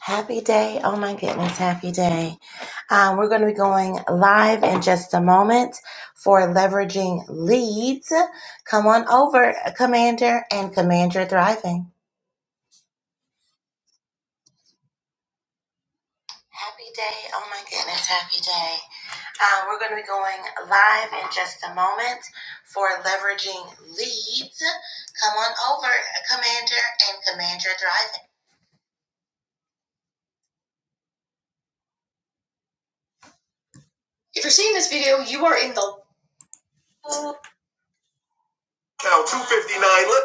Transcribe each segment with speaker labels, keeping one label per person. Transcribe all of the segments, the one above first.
Speaker 1: Happy day. Oh my goodness, happy day. Um, we're going to be going live in just a moment for leveraging leads. Come on over, Commander and Commander Thriving. Happy day. Oh my goodness, happy day. Uh, we're going to be going live in just a moment for leveraging leads. Come on over, Commander and Commander Thriving. Now, 259. Look.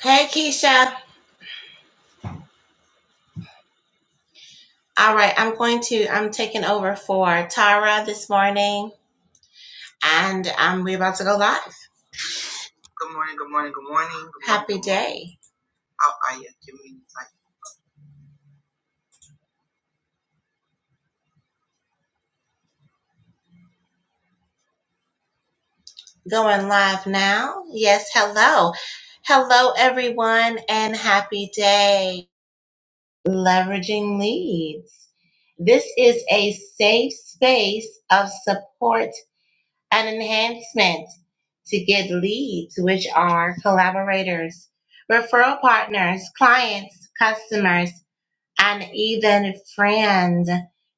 Speaker 1: Hey, Keisha. All right, I'm going to, I'm taking over for Tara this morning, and um, we're about to go live. Good morning, good morning, good morning. Good Happy morning, good day. Going live now. Yes, hello. Hello, everyone, and happy day. Leveraging leads. This is a safe space of support and enhancement to get leads, which are collaborators, referral partners, clients, customers and even friend.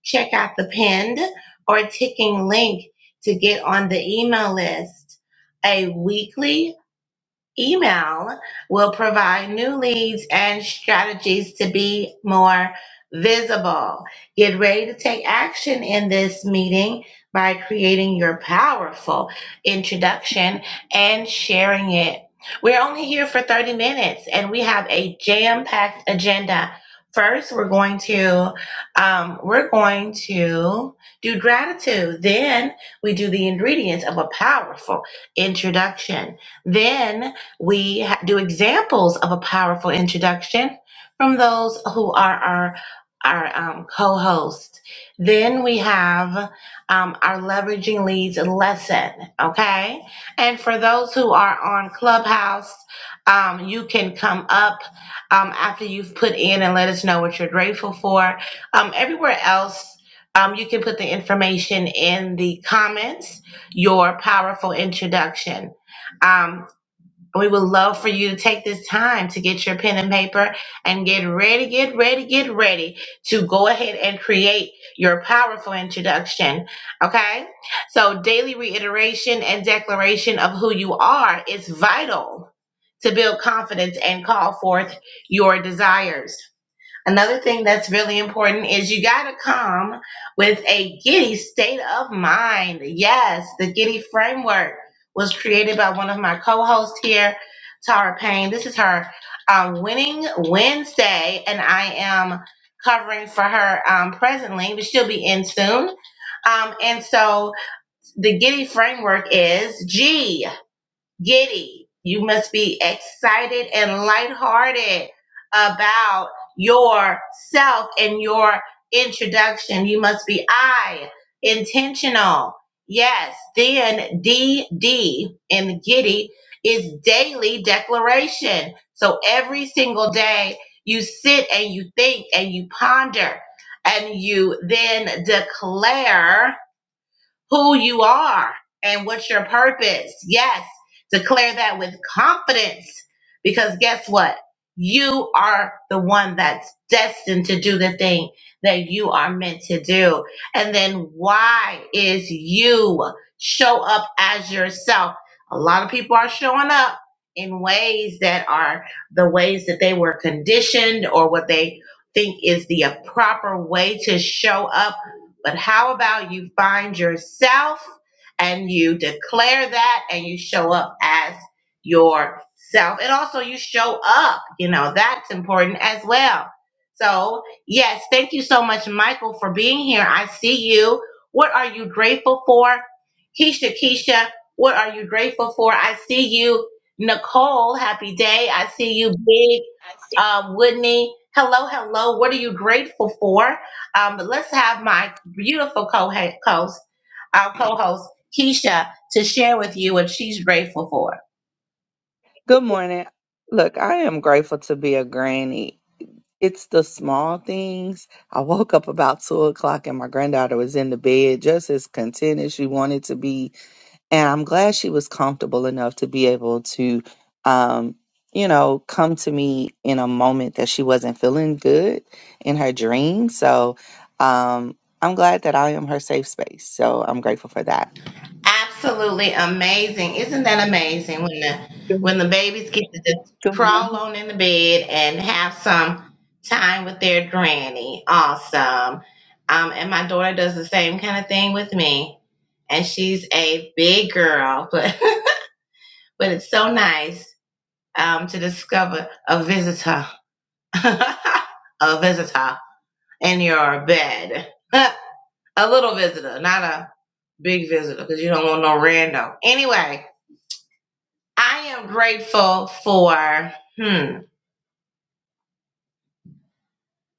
Speaker 1: Check out the pinned or ticking link to get on the email list. A weekly Email will provide new leads and strategies to be more visible. Get ready to take action in this meeting by creating your powerful introduction and sharing it. We're only here for 30 minutes and we have a jam-packed agenda. First, we're going to um, we're going to do gratitude. Then we do the ingredients of a powerful introduction. Then we ha- do examples of a powerful introduction from those who are our our um, co-host. Then we have um, our leveraging leads lesson. Okay, and for those who are on Clubhouse, um, you can come up um, after you've put in and let us know what you're grateful for. Um, everywhere else, um, you can put the information in the comments. Your powerful introduction. Um, we would love for you to take this time to get your pen and paper and get ready, get ready, get ready to go ahead and create your powerful introduction. Okay? So, daily reiteration and declaration of who you are is vital to build confidence and call forth your desires. Another thing that's really important is you got to come with a giddy state of mind. Yes, the giddy framework was created by one of my co hosts here, Tara Payne. This is her um, Winning Wednesday, and I am covering for her um, presently, but she'll be in soon. Um, and so the giddy framework is G giddy. You must be excited and lighthearted about yourself and your introduction. You must be I, intentional. Yes, then D D in giddy is daily declaration. So every single day you sit and you think and you ponder and you then declare who you are and what's your purpose. Yes, declare that with confidence because guess what? You are the one that's destined to do the thing that you are meant to do. And then why is you show up as yourself? A lot of people are showing up in ways that are the ways that they were conditioned or what they think is the proper way to show up but how about you find yourself and you declare that and you show up as yourself? And also, you show up, you know, that's important as well. So, yes, thank you so much, Michael, for being here. I see you. What are you grateful for? Keisha, Keisha, what are you grateful for? I see you. Nicole, happy day. I see you, big um, Whitney. Hello, hello. What are you grateful for? Um, but let's have my beautiful co-host, our co-host Keisha, to share with you what she's grateful for.
Speaker 2: Good morning. Look, I am grateful to be a granny. It's the small things. I woke up about two o'clock and my granddaughter was in the bed just as content as she wanted to be. And I'm glad she was comfortable enough to be able to, um, you know, come to me in a moment that she wasn't feeling good in her dream. So um, I'm glad that I am her safe space. So I'm grateful for that.
Speaker 1: Absolutely amazing. Isn't that amazing when the when the babies get to just crawl on in the bed and have some time with their granny. Awesome. Um, and my daughter does the same kind of thing with me. And she's a big girl, but but it's so nice um, to discover a visitor. a visitor in your bed. a little visitor, not a big visitor, because you don't want no rando. Anyway, I am grateful for hmm,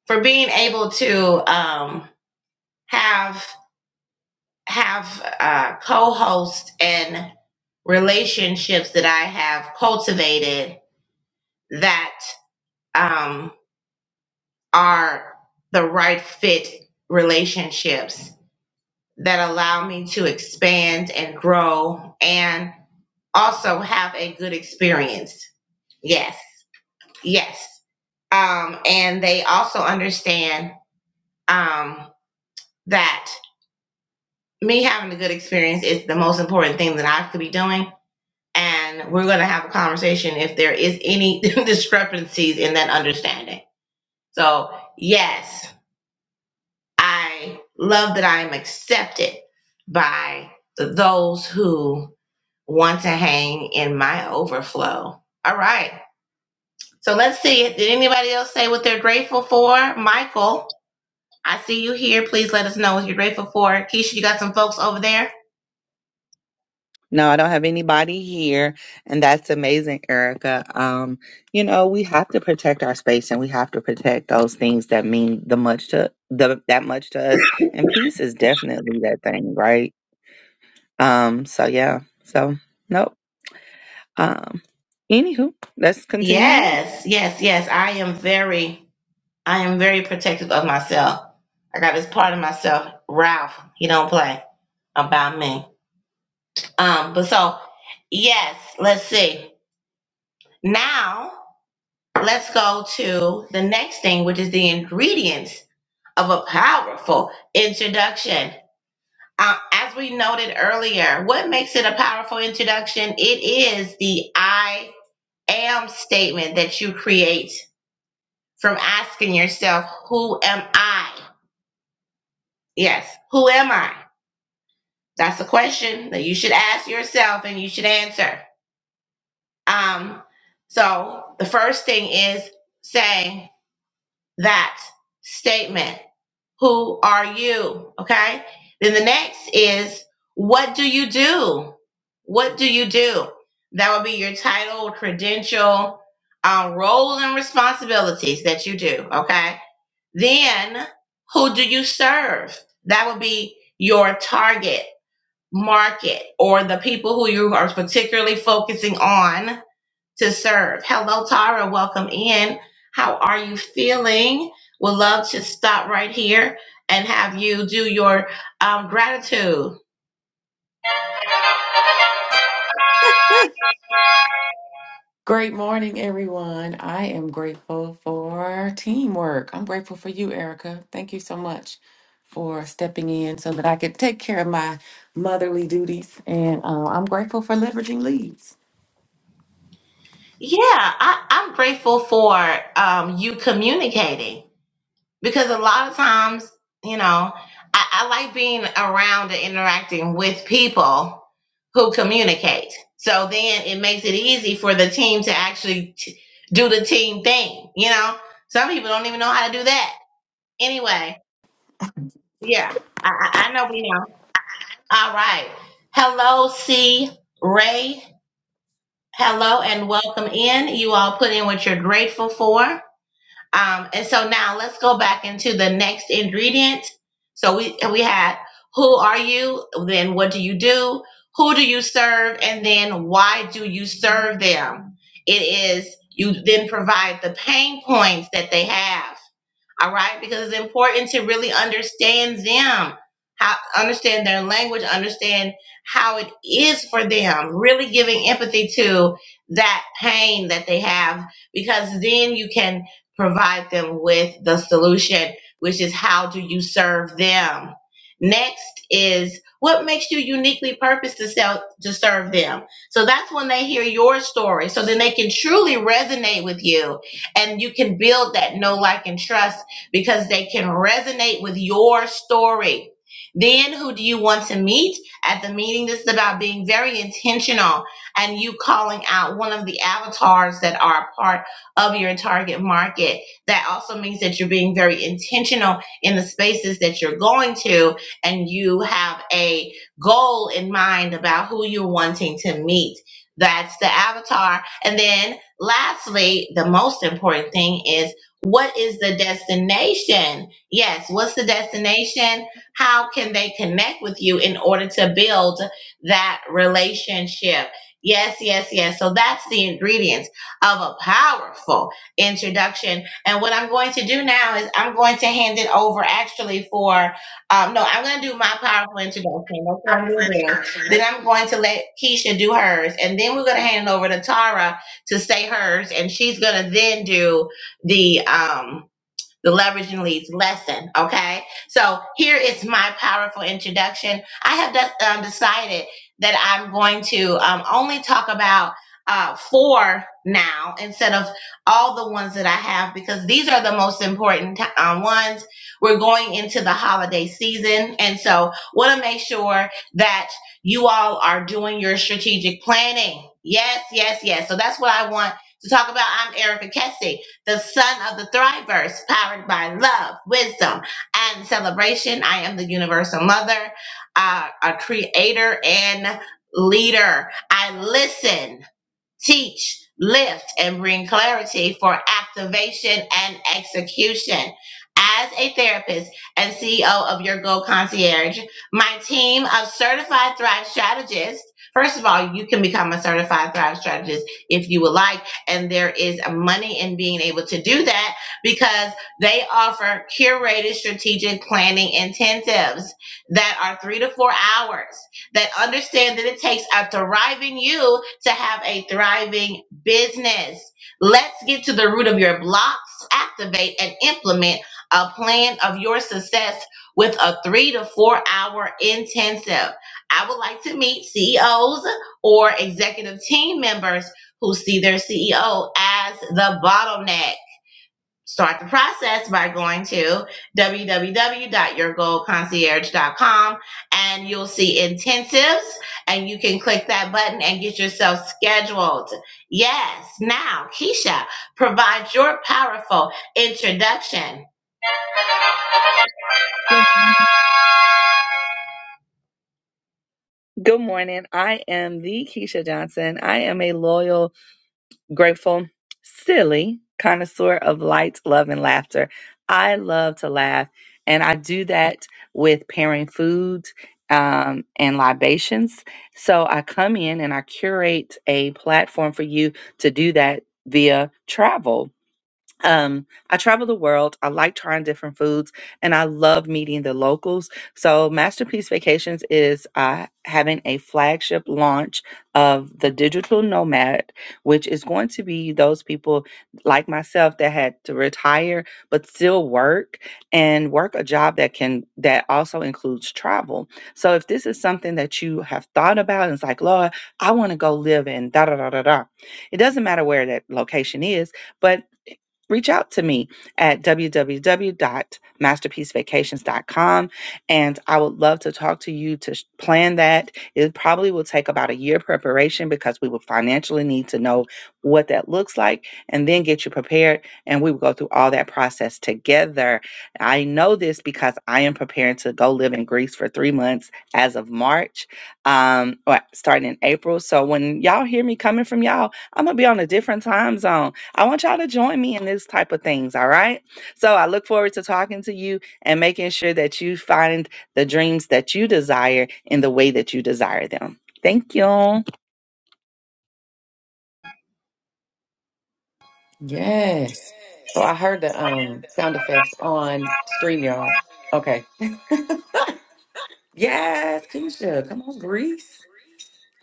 Speaker 1: for being able to um, have have uh, co-hosts and relationships that I have cultivated that um, are the right fit relationships that allow me to expand and grow and also have a good experience. Yes, yes um, and they also understand um, that me having a good experience is the most important thing that I could be doing. And we're going to have a conversation if there is any discrepancies in that understanding. So, yes, I love that I am accepted by those who want to hang in my overflow. All right. So let's see. Did anybody else say what they're grateful for? Michael. I see you here. Please let us know what you're grateful for. Keisha, you got some folks over there?
Speaker 2: No, I don't have anybody here, and that's amazing, Erica. Um, you know, we have to protect our space, and we have to protect those things that mean the much to the that much to us. And peace is definitely that thing, right? Um, so yeah, so nope. Um, anywho, let's continue on.
Speaker 1: Yes, yes, yes. I am very, I am very protective of myself. I got this part of myself, Ralph. He don't play about me. Um, but so yes, let's see. Now let's go to the next thing, which is the ingredients of a powerful introduction. Uh, as we noted earlier, what makes it a powerful introduction? It is the I am statement that you create from asking yourself, Who am I? Yes, who am I? That's a question that you should ask yourself and you should answer. Um, so the first thing is saying that statement. Who are you? Okay. Then the next is what do you do? What do you do? That would be your title, credential, uh, role, and responsibilities that you do. Okay. Then who do you serve? That would be your target market or the people who you are particularly focusing on to serve. Hello, Tara. Welcome in. How are you feeling? Would love to stop right here and have you do your um, gratitude.
Speaker 3: Great morning, everyone. I am grateful for teamwork. I'm grateful for you, Erica. Thank you so much for stepping in so that I could take care of my motherly duties. And uh, I'm grateful for leveraging leads.
Speaker 1: Yeah, I, I'm grateful for um, you communicating. because a lot of times, you know, I, I like being around and interacting with people who communicate. So then it makes it easy for the team to actually t- do the team thing. You know, some people don't even know how to do that. Anyway, yeah, I, I I know we know. All right. Hello, C. Ray. Hello and welcome in. You all put in what you're grateful for. Um, and so now let's go back into the next ingredient. So we we had who are you? Then what do you do? Who do you serve? And then why do you serve them? It is you then provide the pain points that they have all right because it's important to really understand them how understand their language understand how it is for them really giving empathy to that pain that they have because then you can provide them with the solution which is how do you serve them next is what makes you uniquely purposed to sell to serve them so that's when they hear your story so then they can truly resonate with you and you can build that know like and trust because they can resonate with your story. Then who do you want to meet at the meeting? This is about being very intentional and you calling out one of the avatars that are a part of your target market. That also means that you're being very intentional in the spaces that you're going to and you have a goal in mind about who you're wanting to meet. That's the avatar. And then lastly, the most important thing is what is the destination? Yes, what's the destination? How can they connect with you in order to build that relationship? Yes, yes, yes. So that's the ingredients of a powerful introduction. And what I'm going to do now is I'm going to hand it over actually for, um, no, I'm going to do my powerful introduction. That's what I'm going to do. Then I'm going to let Keisha do hers. And then we're going to hand it over to Tara to say hers. And she's going to then do the um the leveraging leads lesson okay so here is my powerful introduction i have de- um, decided that i'm going to um, only talk about uh, four now instead of all the ones that i have because these are the most important t- um, ones we're going into the holiday season and so want to make sure that you all are doing your strategic planning yes yes yes so that's what i want to talk about i'm erica kessie the son of the thrivers, powered by love, wisdom, and celebration. I am the universal mother, uh, a creator, and leader. I listen teach, lift, and bring clarity for activation and execution. As a therapist and CEO of Your Goal Concierge, my team of certified Thrive strategists. First of all, you can become a certified Thrive strategist if you would like, and there is money in being able to do that because they offer curated strategic planning intensives that are three to four hours that understand that it takes a thriving you to have a thriving business. Let's get to the root of your blocks, activate and implement a plan of your success with a three to four hour intensive. I would like to meet CEOs or executive team members who see their CEO as the bottleneck. Start the process by going to www.yourgoalconcierge.com and you'll see intensives and you can click that button and get yourself scheduled. Yes, now Keisha provide your powerful introduction.
Speaker 2: Good Good morning. I am the Keisha Johnson. I am a loyal, grateful, silly connoisseur of light, love, and laughter. I love to laugh, and I do that with pairing food um, and libations. So I come in and I curate a platform for you to do that via travel um, I travel the world. I like trying different foods and I love meeting the locals. So, Masterpiece Vacations is uh, having a flagship launch of the Digital Nomad, which is going to be those people like myself that had to retire but still work and work a job that can, that also includes travel. So, if this is something that you have thought about and it's like, Lord, I want to go live in da da da da da, it doesn't matter where that location is. But reach out to me at www.masterpiecevacations.com and I would love to talk to you to sh- plan that. It probably will take about a year preparation because we will financially need to know what that looks like and then get you prepared and we will go through all that process together. I know this because I am preparing to go live in Greece for 3 months as of March um or starting in April. So when y'all hear me coming from y'all, I'm going to be on a different time zone I want y'all to join me in this type of things, all right? So I look forward to talking to you and making sure that you find the dreams that you desire in the way that you desire them. Thank you.
Speaker 3: Yes. So I heard the um, sound effects on StreamYard. Okay. Yes, Keisha, come on, Greece.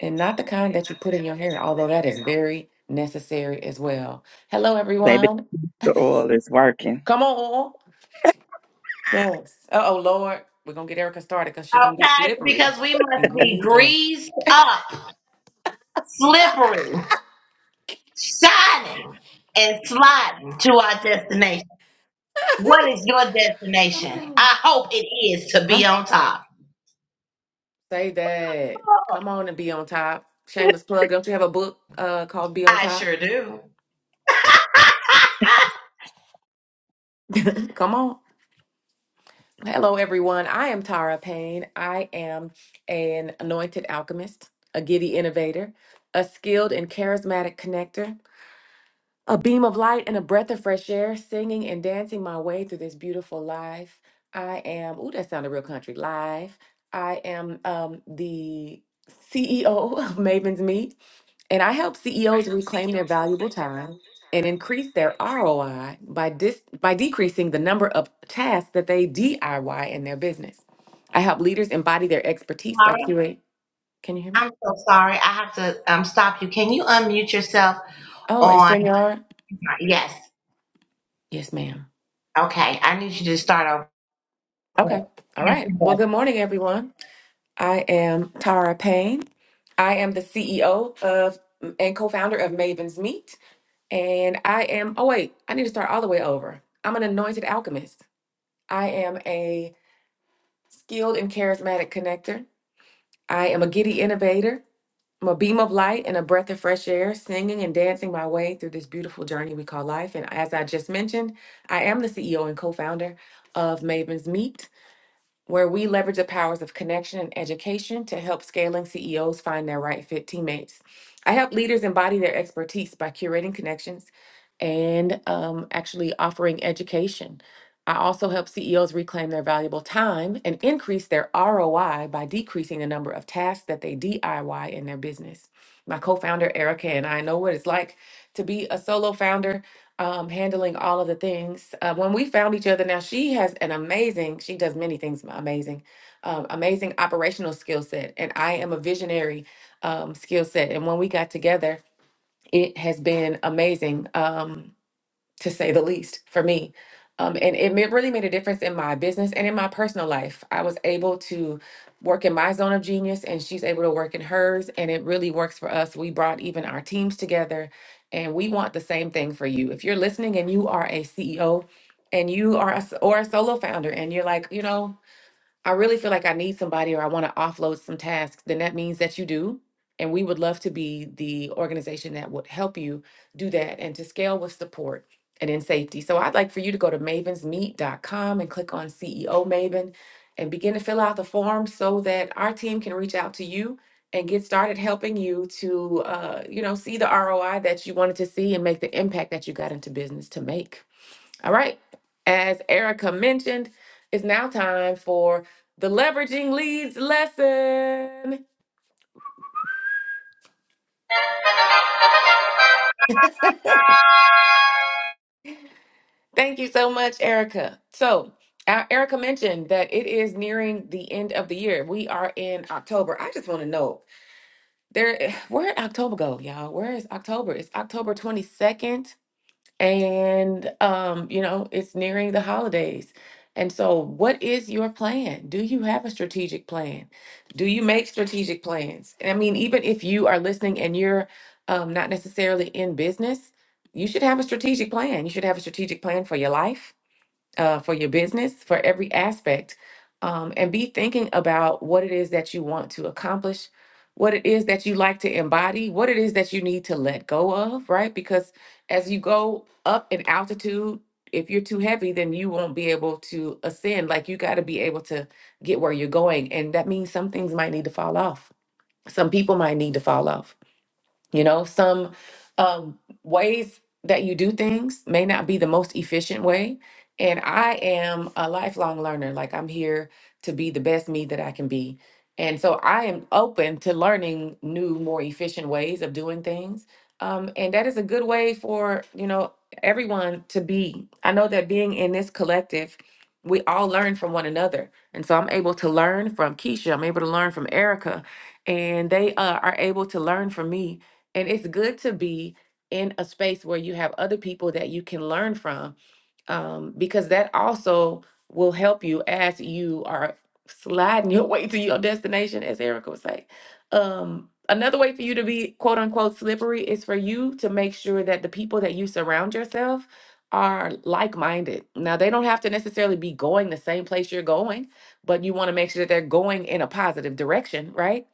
Speaker 3: And not the kind that you put in your hair, although that is very necessary as well. Hello,
Speaker 2: Baby
Speaker 3: everyone.
Speaker 2: The oil is working.
Speaker 3: Come on. Yes. Oh, oh Lord, we're gonna get Erica started because she's gonna be
Speaker 1: Okay,
Speaker 3: slippery
Speaker 1: because we
Speaker 3: and
Speaker 1: must be
Speaker 3: greased up.
Speaker 1: greased up, slippery, shining, and sliding to our destination. What is your destination?
Speaker 3: Oh,
Speaker 1: I hope it is to be
Speaker 3: Come
Speaker 1: on top.
Speaker 3: say that. Come on and be on top. Shameless plug. Don't you have a book uh, called Be on
Speaker 1: I
Speaker 3: Top?
Speaker 1: sure do.
Speaker 3: Come on. Hello, everyone. I am Tara Payne. I am an anointed alchemist, a giddy innovator, a skilled and charismatic connector. A beam of light and a breath of fresh air, singing and dancing my way through this beautiful life. I am, ooh, that sounded real country, live. I am um, the CEO of Maven's Meet, and I help CEOs reclaim their valuable time and increase their ROI by, dis- by decreasing the number of tasks that they DIY in their business. I help leaders embody their expertise by
Speaker 1: Mara,
Speaker 3: curating. Can you hear me?
Speaker 1: I'm so sorry. I have to um, stop you. Can you unmute yourself
Speaker 3: Oh, and
Speaker 1: on?
Speaker 3: StreamYard?
Speaker 1: Yes.
Speaker 3: Yes, ma'am.
Speaker 1: Okay. I need you to start
Speaker 3: Okay.
Speaker 1: over.
Speaker 3: All right. Well, good morning, everyone. I am Tara Payne. I am the CEO of and co-founder of Maven's Meet. And I am, oh wait, I need to start all the way over. I'm an anointed alchemist. I am a skilled and charismatic connector. I am a giddy innovator. I'm a beam of light and a breath of fresh air, singing and dancing my way through this beautiful journey we call life. And as I just mentioned, I am the CEO and co founder of Maven's Meet. where we leverage the powers of connection and education to help scaling CEOs find their right fit teammates. I help leaders embody their expertise by curating connections and um, actually offering education. I also help CEOs reclaim their valuable time and increase their ROI by decreasing the number of tasks that they DIY in their business. My co founder, Erica, and I know what it's like to be a solo founder um, handling all of the things. Uh, when we found each other, now she has an amazing, she does many things m- amazing, um, amazing operational skill set. And I am a visionary um, skill set. And when we got together, it has been amazing. Um, to say the least, for me. Um, and it ma- really made a difference in my business and in my personal life. I was able to work in my zone of genius, and she's able to work in hers, and it really works for us. We brought even our teams together, and we want the same thing for you. If you're listening and you are a CEO, and you are a, s- or a solo founder, and you're like, you know, I really feel like I need somebody or I want to offload some tasks, then that means that you do. And we would love to be the organization that would help you do that and to scale with support and in safety. So I'd like for you to go to mavensmeet.com and click on CEO Maven and begin to fill out the form so that our team can reach out to you and get started helping you to uh, you know see the ROI that you wanted to see and make the impact that you got into business to make. All right. As Erica mentioned, it's now time for the leveraging leads lesson. Thank you so much, Erica. So, uh, Erica mentioned that it is nearing the end of the year. We are in October. I just want to know there where did October go, y'all? Where is October? It's October 22nd. and um, you know, it's nearing the holidays. And so, what is your plan? Do you have a strategic plan? Do you make strategic plans? And I mean, even if you are listening and you're um, not necessarily in business, you should have a strategic plan. You should have a strategic plan for your life uh, for your business, for every aspect, um, and be thinking about what it is that you want to accomplish, what it is that you like to embody, what it is that you need to let go of, right? Because as you go up in altitude, if you're too heavy, then you won't be able to ascend. Like you got to be able to get where you're going. And that means some things might need to fall off. Some people might need to fall off you know, some um, ways that you do things may not be the most efficient way. And I am a lifelong learner. Like, I'm here to be the best me that I can be. And so I am open to learning new, more efficient ways of doing things. Um, and that is a good way for, you know, everyone to be. I know that being in this collective, we all learn from one another. And so I'm able to learn from Keisha. I'm able to learn from Erica. And they uh, are able to learn from me and it's good to be in a space where you have other people that you can learn from um, because that also will help you as you are sliding your way to your destination as erica would say um, another way for you to be quote unquote slippery is for you to make sure that the people that you surround yourself are like-minded now they don't have to necessarily be going the same place you're going but you want to make sure that they're going in a positive direction right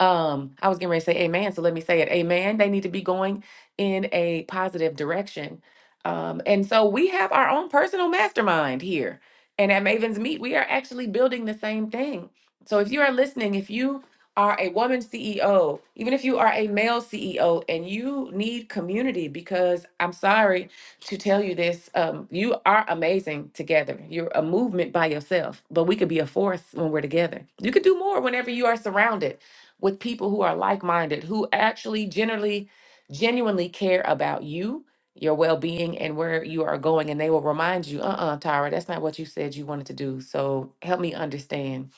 Speaker 3: um i was getting ready to say amen so let me say it amen they need to be going in a positive direction um and so we have our own personal mastermind here and at maven's meet we are actually building the same thing so if you are listening if you are a woman ceo even if you are a male ceo and you need community because i'm sorry to tell you this um, you are amazing together you're a movement by yourself but we could be a force when we're together you could do more whenever you are surrounded with people who are like-minded, who actually generally genuinely care about you, your well-being and where you are going and they will remind you, "Uh-uh, Tyra, that's not what you said you wanted to do." So, help me understand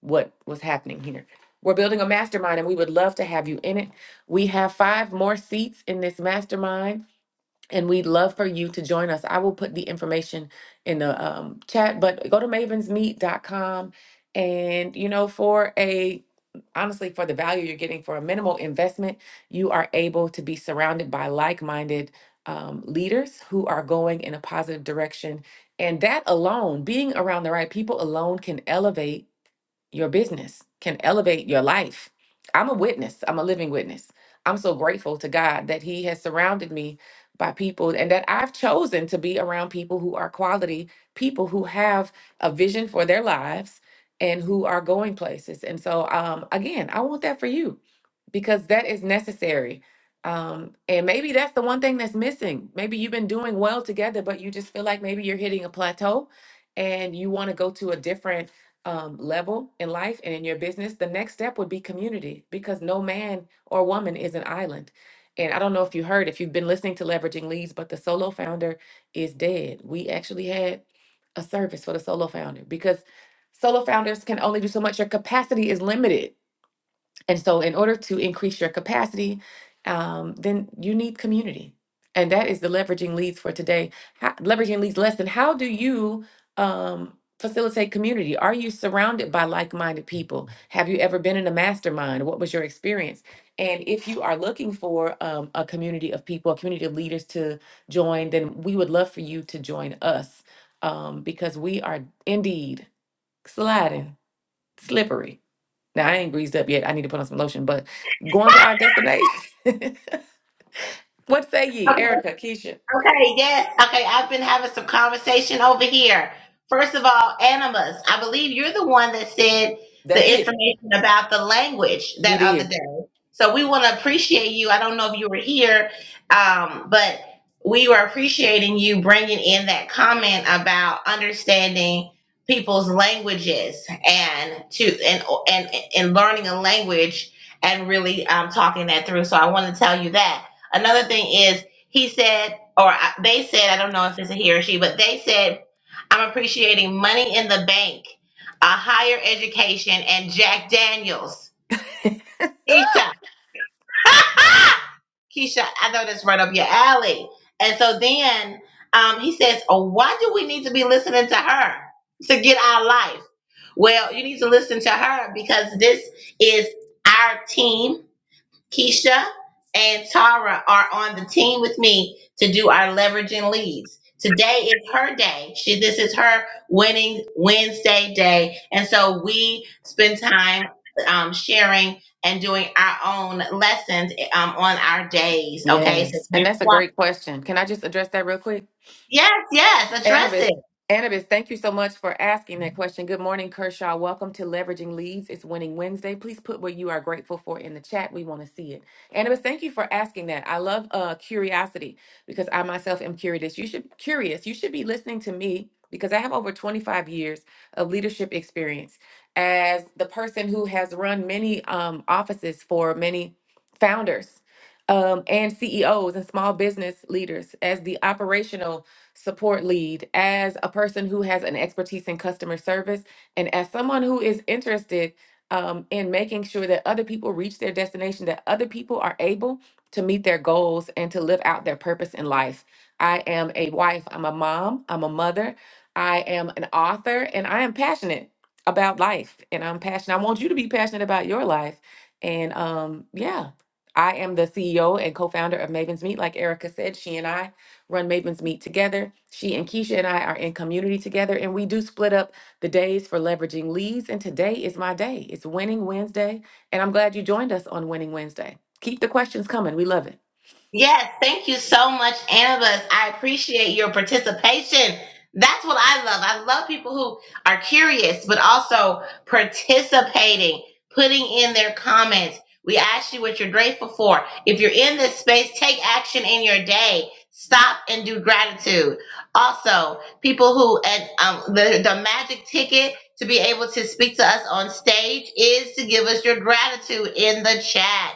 Speaker 3: what was happening here. We're building a mastermind and we would love to have you in it. We have 5 more seats in this mastermind and we'd love for you to join us. I will put the information in the um, chat, but go to mavensmeet.com and you know for a honestly for the value you're getting for a minimal investment, you are able to be surrounded by like-minded um, leaders who are going in a positive direction. And that alone, being around the right people alone can elevate your business, can elevate your life. I'm a witness, I'm a living witness. I'm so grateful to God that He has surrounded me by people and that I've chosen to be around people who are quality, people who have a vision for their lives and who are going places. And so, um, again, I want that for you because that is necessary. Um, and maybe that's the one thing that's missing. Maybe you've been doing well together, but you just feel like maybe you're hitting a plateau and you want to go to a different um, level in life and in your business, the next step would be community because no man or woman is an island. And I don't know if you heard, if you've been listening to Leveraging Leads, but the solo founder is dead. We actually had a service for the solo founder because solo founders can only do so much. Your capacity is limited and so, in order to increase your capacity, um, then you need community. And that is the leveraging leads for today. How, leveraging leads lesson. How do you um, facilitate community? Are you surrounded by like minded people? Have you ever been in a mastermind? What was your experience? And if you are looking for um, a community of people, a community of leaders to join, then we would love for you to join us um, because we are indeed sliding, slippery now I ain't greased up yet. I need to put on some lotion, but going to our destination. what say ye,
Speaker 1: Okay.
Speaker 3: Erica, Keisha?
Speaker 1: Okay, yes. Okay, I've been having some conversation over here. First of all, Animus, I believe you're the one that said
Speaker 3: That's
Speaker 1: the
Speaker 3: it.
Speaker 1: information about the language
Speaker 3: He
Speaker 1: that other
Speaker 3: did.
Speaker 1: day. So we want to appreciate you. I don't know if you were here, um, but we were appreciating you bringing in that comment about understanding people's languages and to and and and learning a language and really um, talking that through. So I want to tell you that. Another thing is he said or I, they said, I don't know if it's a he or she, but they said, I'm appreciating money in the bank, a higher education, and Jack Daniels. Keisha, Keisha, I know that's right up your alley. And so then um, he says, oh, why do we need to be listening to her to get our life? Well, you need to listen to her because this is our team Keisha and Tara are on the team with me to do our leveraging leads. Today is her day. She, this is her winning Wednesday day. And so we spend time um, sharing and doing our own lessons um, on our days. Okay. So
Speaker 3: Yes. And
Speaker 1: that's
Speaker 3: that's a
Speaker 1: why.
Speaker 3: great question. Can I just address that real quick?
Speaker 1: Yes, yes, address
Speaker 3: Annabis,
Speaker 1: it.
Speaker 3: Annabis, thank you so much for asking that question. Good morning, Kershaw. Welcome to Leveraging Leads. It's Winning Wednesday. Please put what you are grateful for in the chat. We want to see it. Annabis, thank you for asking that. I love uh, curiosity because I myself am curious. You should curious. You should be listening to me because I have over 25 years of leadership experience as the person who has run many um, offices for many founders um, and CEOs and small business leaders as the operational support lead, as a person who has an expertise in customer service, and as someone who is interested um, in making sure that other people reach their destination, that other people are able to meet their goals and to live out their purpose in life. I am a wife, I'm a mom, I'm a mother, I am an author, and I am passionate about life. And I'm passionate. I want you to be passionate about your life. And um, yeah, I am the CEO and co founder of Maven's Meet. Like Erica said, she and I run Mavens Meet together. She and Keisha and I are in community together, and we do split up the days for leveraging leads. And today is my day. It's Winning Wednesday, and I'm glad you joined us on Winning Wednesday. Keep the questions coming. We love it.
Speaker 1: Yes, thank you so much, Annabus. I appreciate your participation. That's what I love. I love people who are curious, but also participating, putting in their comments. We ask you what you're grateful for. If you're in this space, take action in your day. Stop and do gratitude. Also, people who and um, the the magic ticket to be able to speak to us on stage is to give us your gratitude in the chat.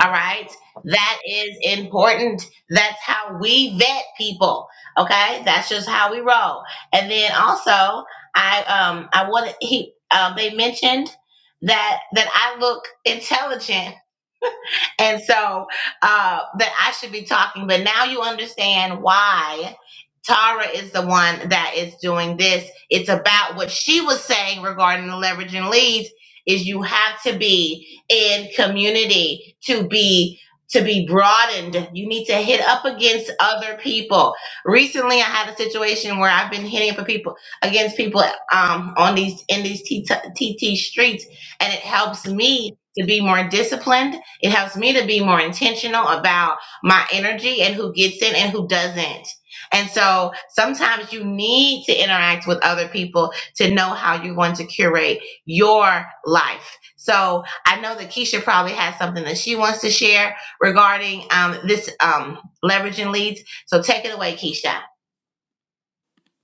Speaker 1: All right. That is important. That's how we vet people. Okay, that's just how we roll. And then also, I um I wanted he um they mentioned that that I look intelligent and so uh, that I should be talking. But now you understand why Tara is the one that is doing this. It's about what she was saying regarding the leveraging leads. Is you have to be in community to be to be broadened. You need to hit up against other people. Recently, I had a situation where I've been hitting up for people against people um, on these in these TT streets, and it helps me to be more disciplined it helps me to be more intentional about my energy and who gets it and who doesn't. And so sometimes you need to interact with other people to know how you're going to curate your life. So I know that Keisha probably has something that she wants to share regarding um, this um, leveraging leads. So take it away, Keisha.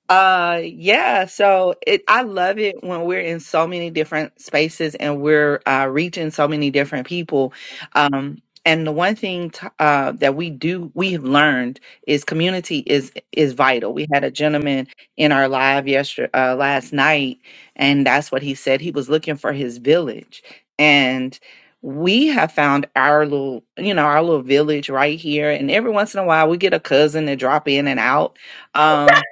Speaker 2: Uh yeah, so it I love it when we're in so many different spaces and we're uh reaching so many different people. Um and the one thing t- uh that we do we have learned is community is is vital. We had a gentleman in our live yesterday uh, last night and that's what he said he was looking for his village. And we have found our little, you know, our little village right here and every once in a while we get a cousin to drop in and out. Um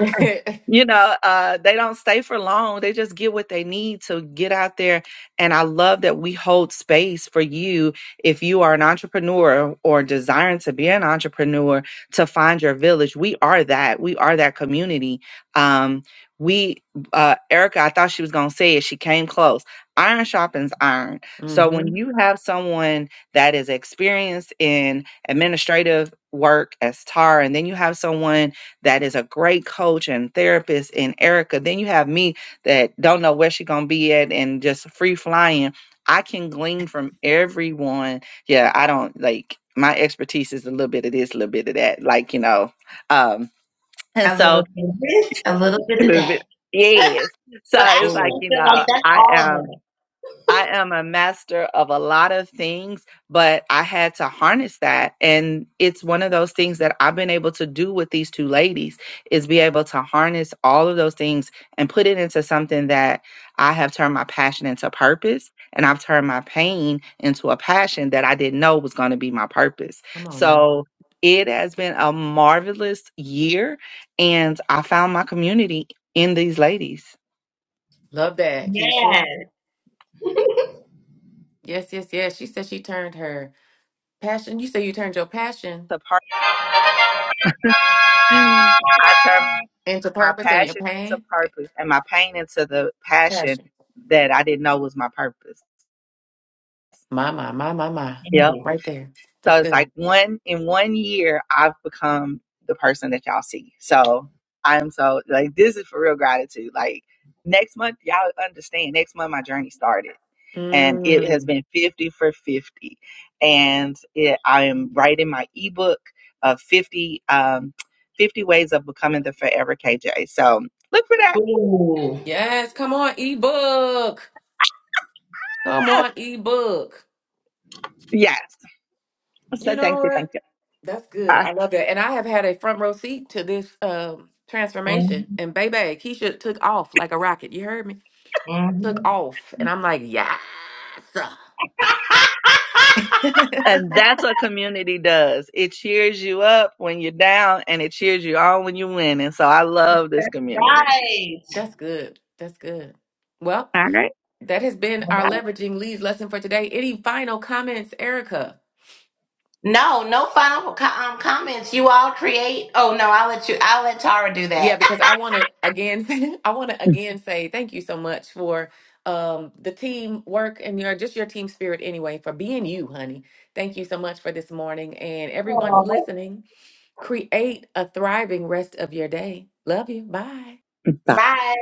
Speaker 2: you know, uh, they don't stay for long. They just get what they need to get out there. And I love that we hold space for you if you are an entrepreneur or desiring to be an entrepreneur to find your village. We are that. We are that community. Um, we, uh, Erica, I thought she was going to say it. She came close. Iron sharpens iron. So when
Speaker 3: mm-hmm.
Speaker 2: you have someone that is experienced in administrative work as TAR, and then you have someone that is a great coach and therapist in Erica. Then you have me that don't know where she's gonna be at and just free flying. I can glean from everyone. Yeah, I don't like my expertise is a little bit of this, a little bit of that, like you know. Um, and
Speaker 1: A little
Speaker 2: so
Speaker 1: bit of this, a little bit
Speaker 2: a
Speaker 1: of
Speaker 2: little bit.
Speaker 1: that.
Speaker 2: Yes. So
Speaker 1: But
Speaker 2: it's
Speaker 1: actually,
Speaker 2: like,
Speaker 1: I
Speaker 3: Oh,
Speaker 2: you
Speaker 1: feel
Speaker 2: know,
Speaker 1: like that's
Speaker 2: I am.
Speaker 1: all of it.
Speaker 2: I am a master of a lot of things, but I had to harness that. And it's one of those things that I've been able to do with these two ladies is be able to harness all of those things and put it into something that I have turned my passion into purpose. And I've turned my pain into a passion that I didn't know was going to be my purpose.
Speaker 3: come on now.
Speaker 2: So it has been a marvelous year. And I found my community in these ladies.
Speaker 3: Love that, Keisha. Yes, yes, yes. She said she turned her Passion. You say you turned your passion
Speaker 2: The part I turned
Speaker 3: into
Speaker 2: my
Speaker 3: purpose and your
Speaker 2: passion into
Speaker 3: pain.
Speaker 2: purpose and my pain into the passion
Speaker 3: Passion.
Speaker 2: that I didn't know was my purpose.
Speaker 3: My, my, my, my, my.
Speaker 1: Yes.
Speaker 2: Yep.
Speaker 3: Right there.
Speaker 2: So
Speaker 3: That's
Speaker 2: it's like
Speaker 3: good.
Speaker 2: one in one year I've become the person that y'all see. So I'm so like this is for real gratitude. Like next month y'all understand. Next month my journey started and it has
Speaker 3: Mm.
Speaker 2: been 50 for 50 and it, i am writing my ebook of 50 um 50 ways of becoming the forever kj so look for that
Speaker 1: Ooh.
Speaker 3: Yes. Come on, ebook. Come
Speaker 2: Ah,
Speaker 3: on, ebook.
Speaker 2: yes
Speaker 3: You
Speaker 2: So
Speaker 3: know
Speaker 2: thank you,
Speaker 3: what?
Speaker 2: thank you.
Speaker 3: That's good.
Speaker 2: Ah,
Speaker 3: I love that. And I have had a front row seat to this um, transformation.
Speaker 1: hmm
Speaker 3: And baby, Keisha took off like a rocket. You heard me? Took off. And I'm like, yes.
Speaker 2: And that's what community does. It cheers you up when you're down and it cheers you on when you win. And So I love this community.
Speaker 1: Right.
Speaker 3: That's good. That's good. Well,
Speaker 2: All right.
Speaker 3: That has been our leveraging leads lesson for today. Any final comments, Erica?
Speaker 1: No, no final co- um, comments. You all create. Oh no, I'll let you. I'll let Tara do
Speaker 3: Yeah,
Speaker 1: that.
Speaker 3: because I want to again, I want to again say thank you so much for um, the team work and your just your team spirit anyway for being you, honey. Thank you so much for this morning and everyone
Speaker 1: Aw.
Speaker 3: listening. Create a thriving rest of your day. Love you. Bye.
Speaker 1: Bye.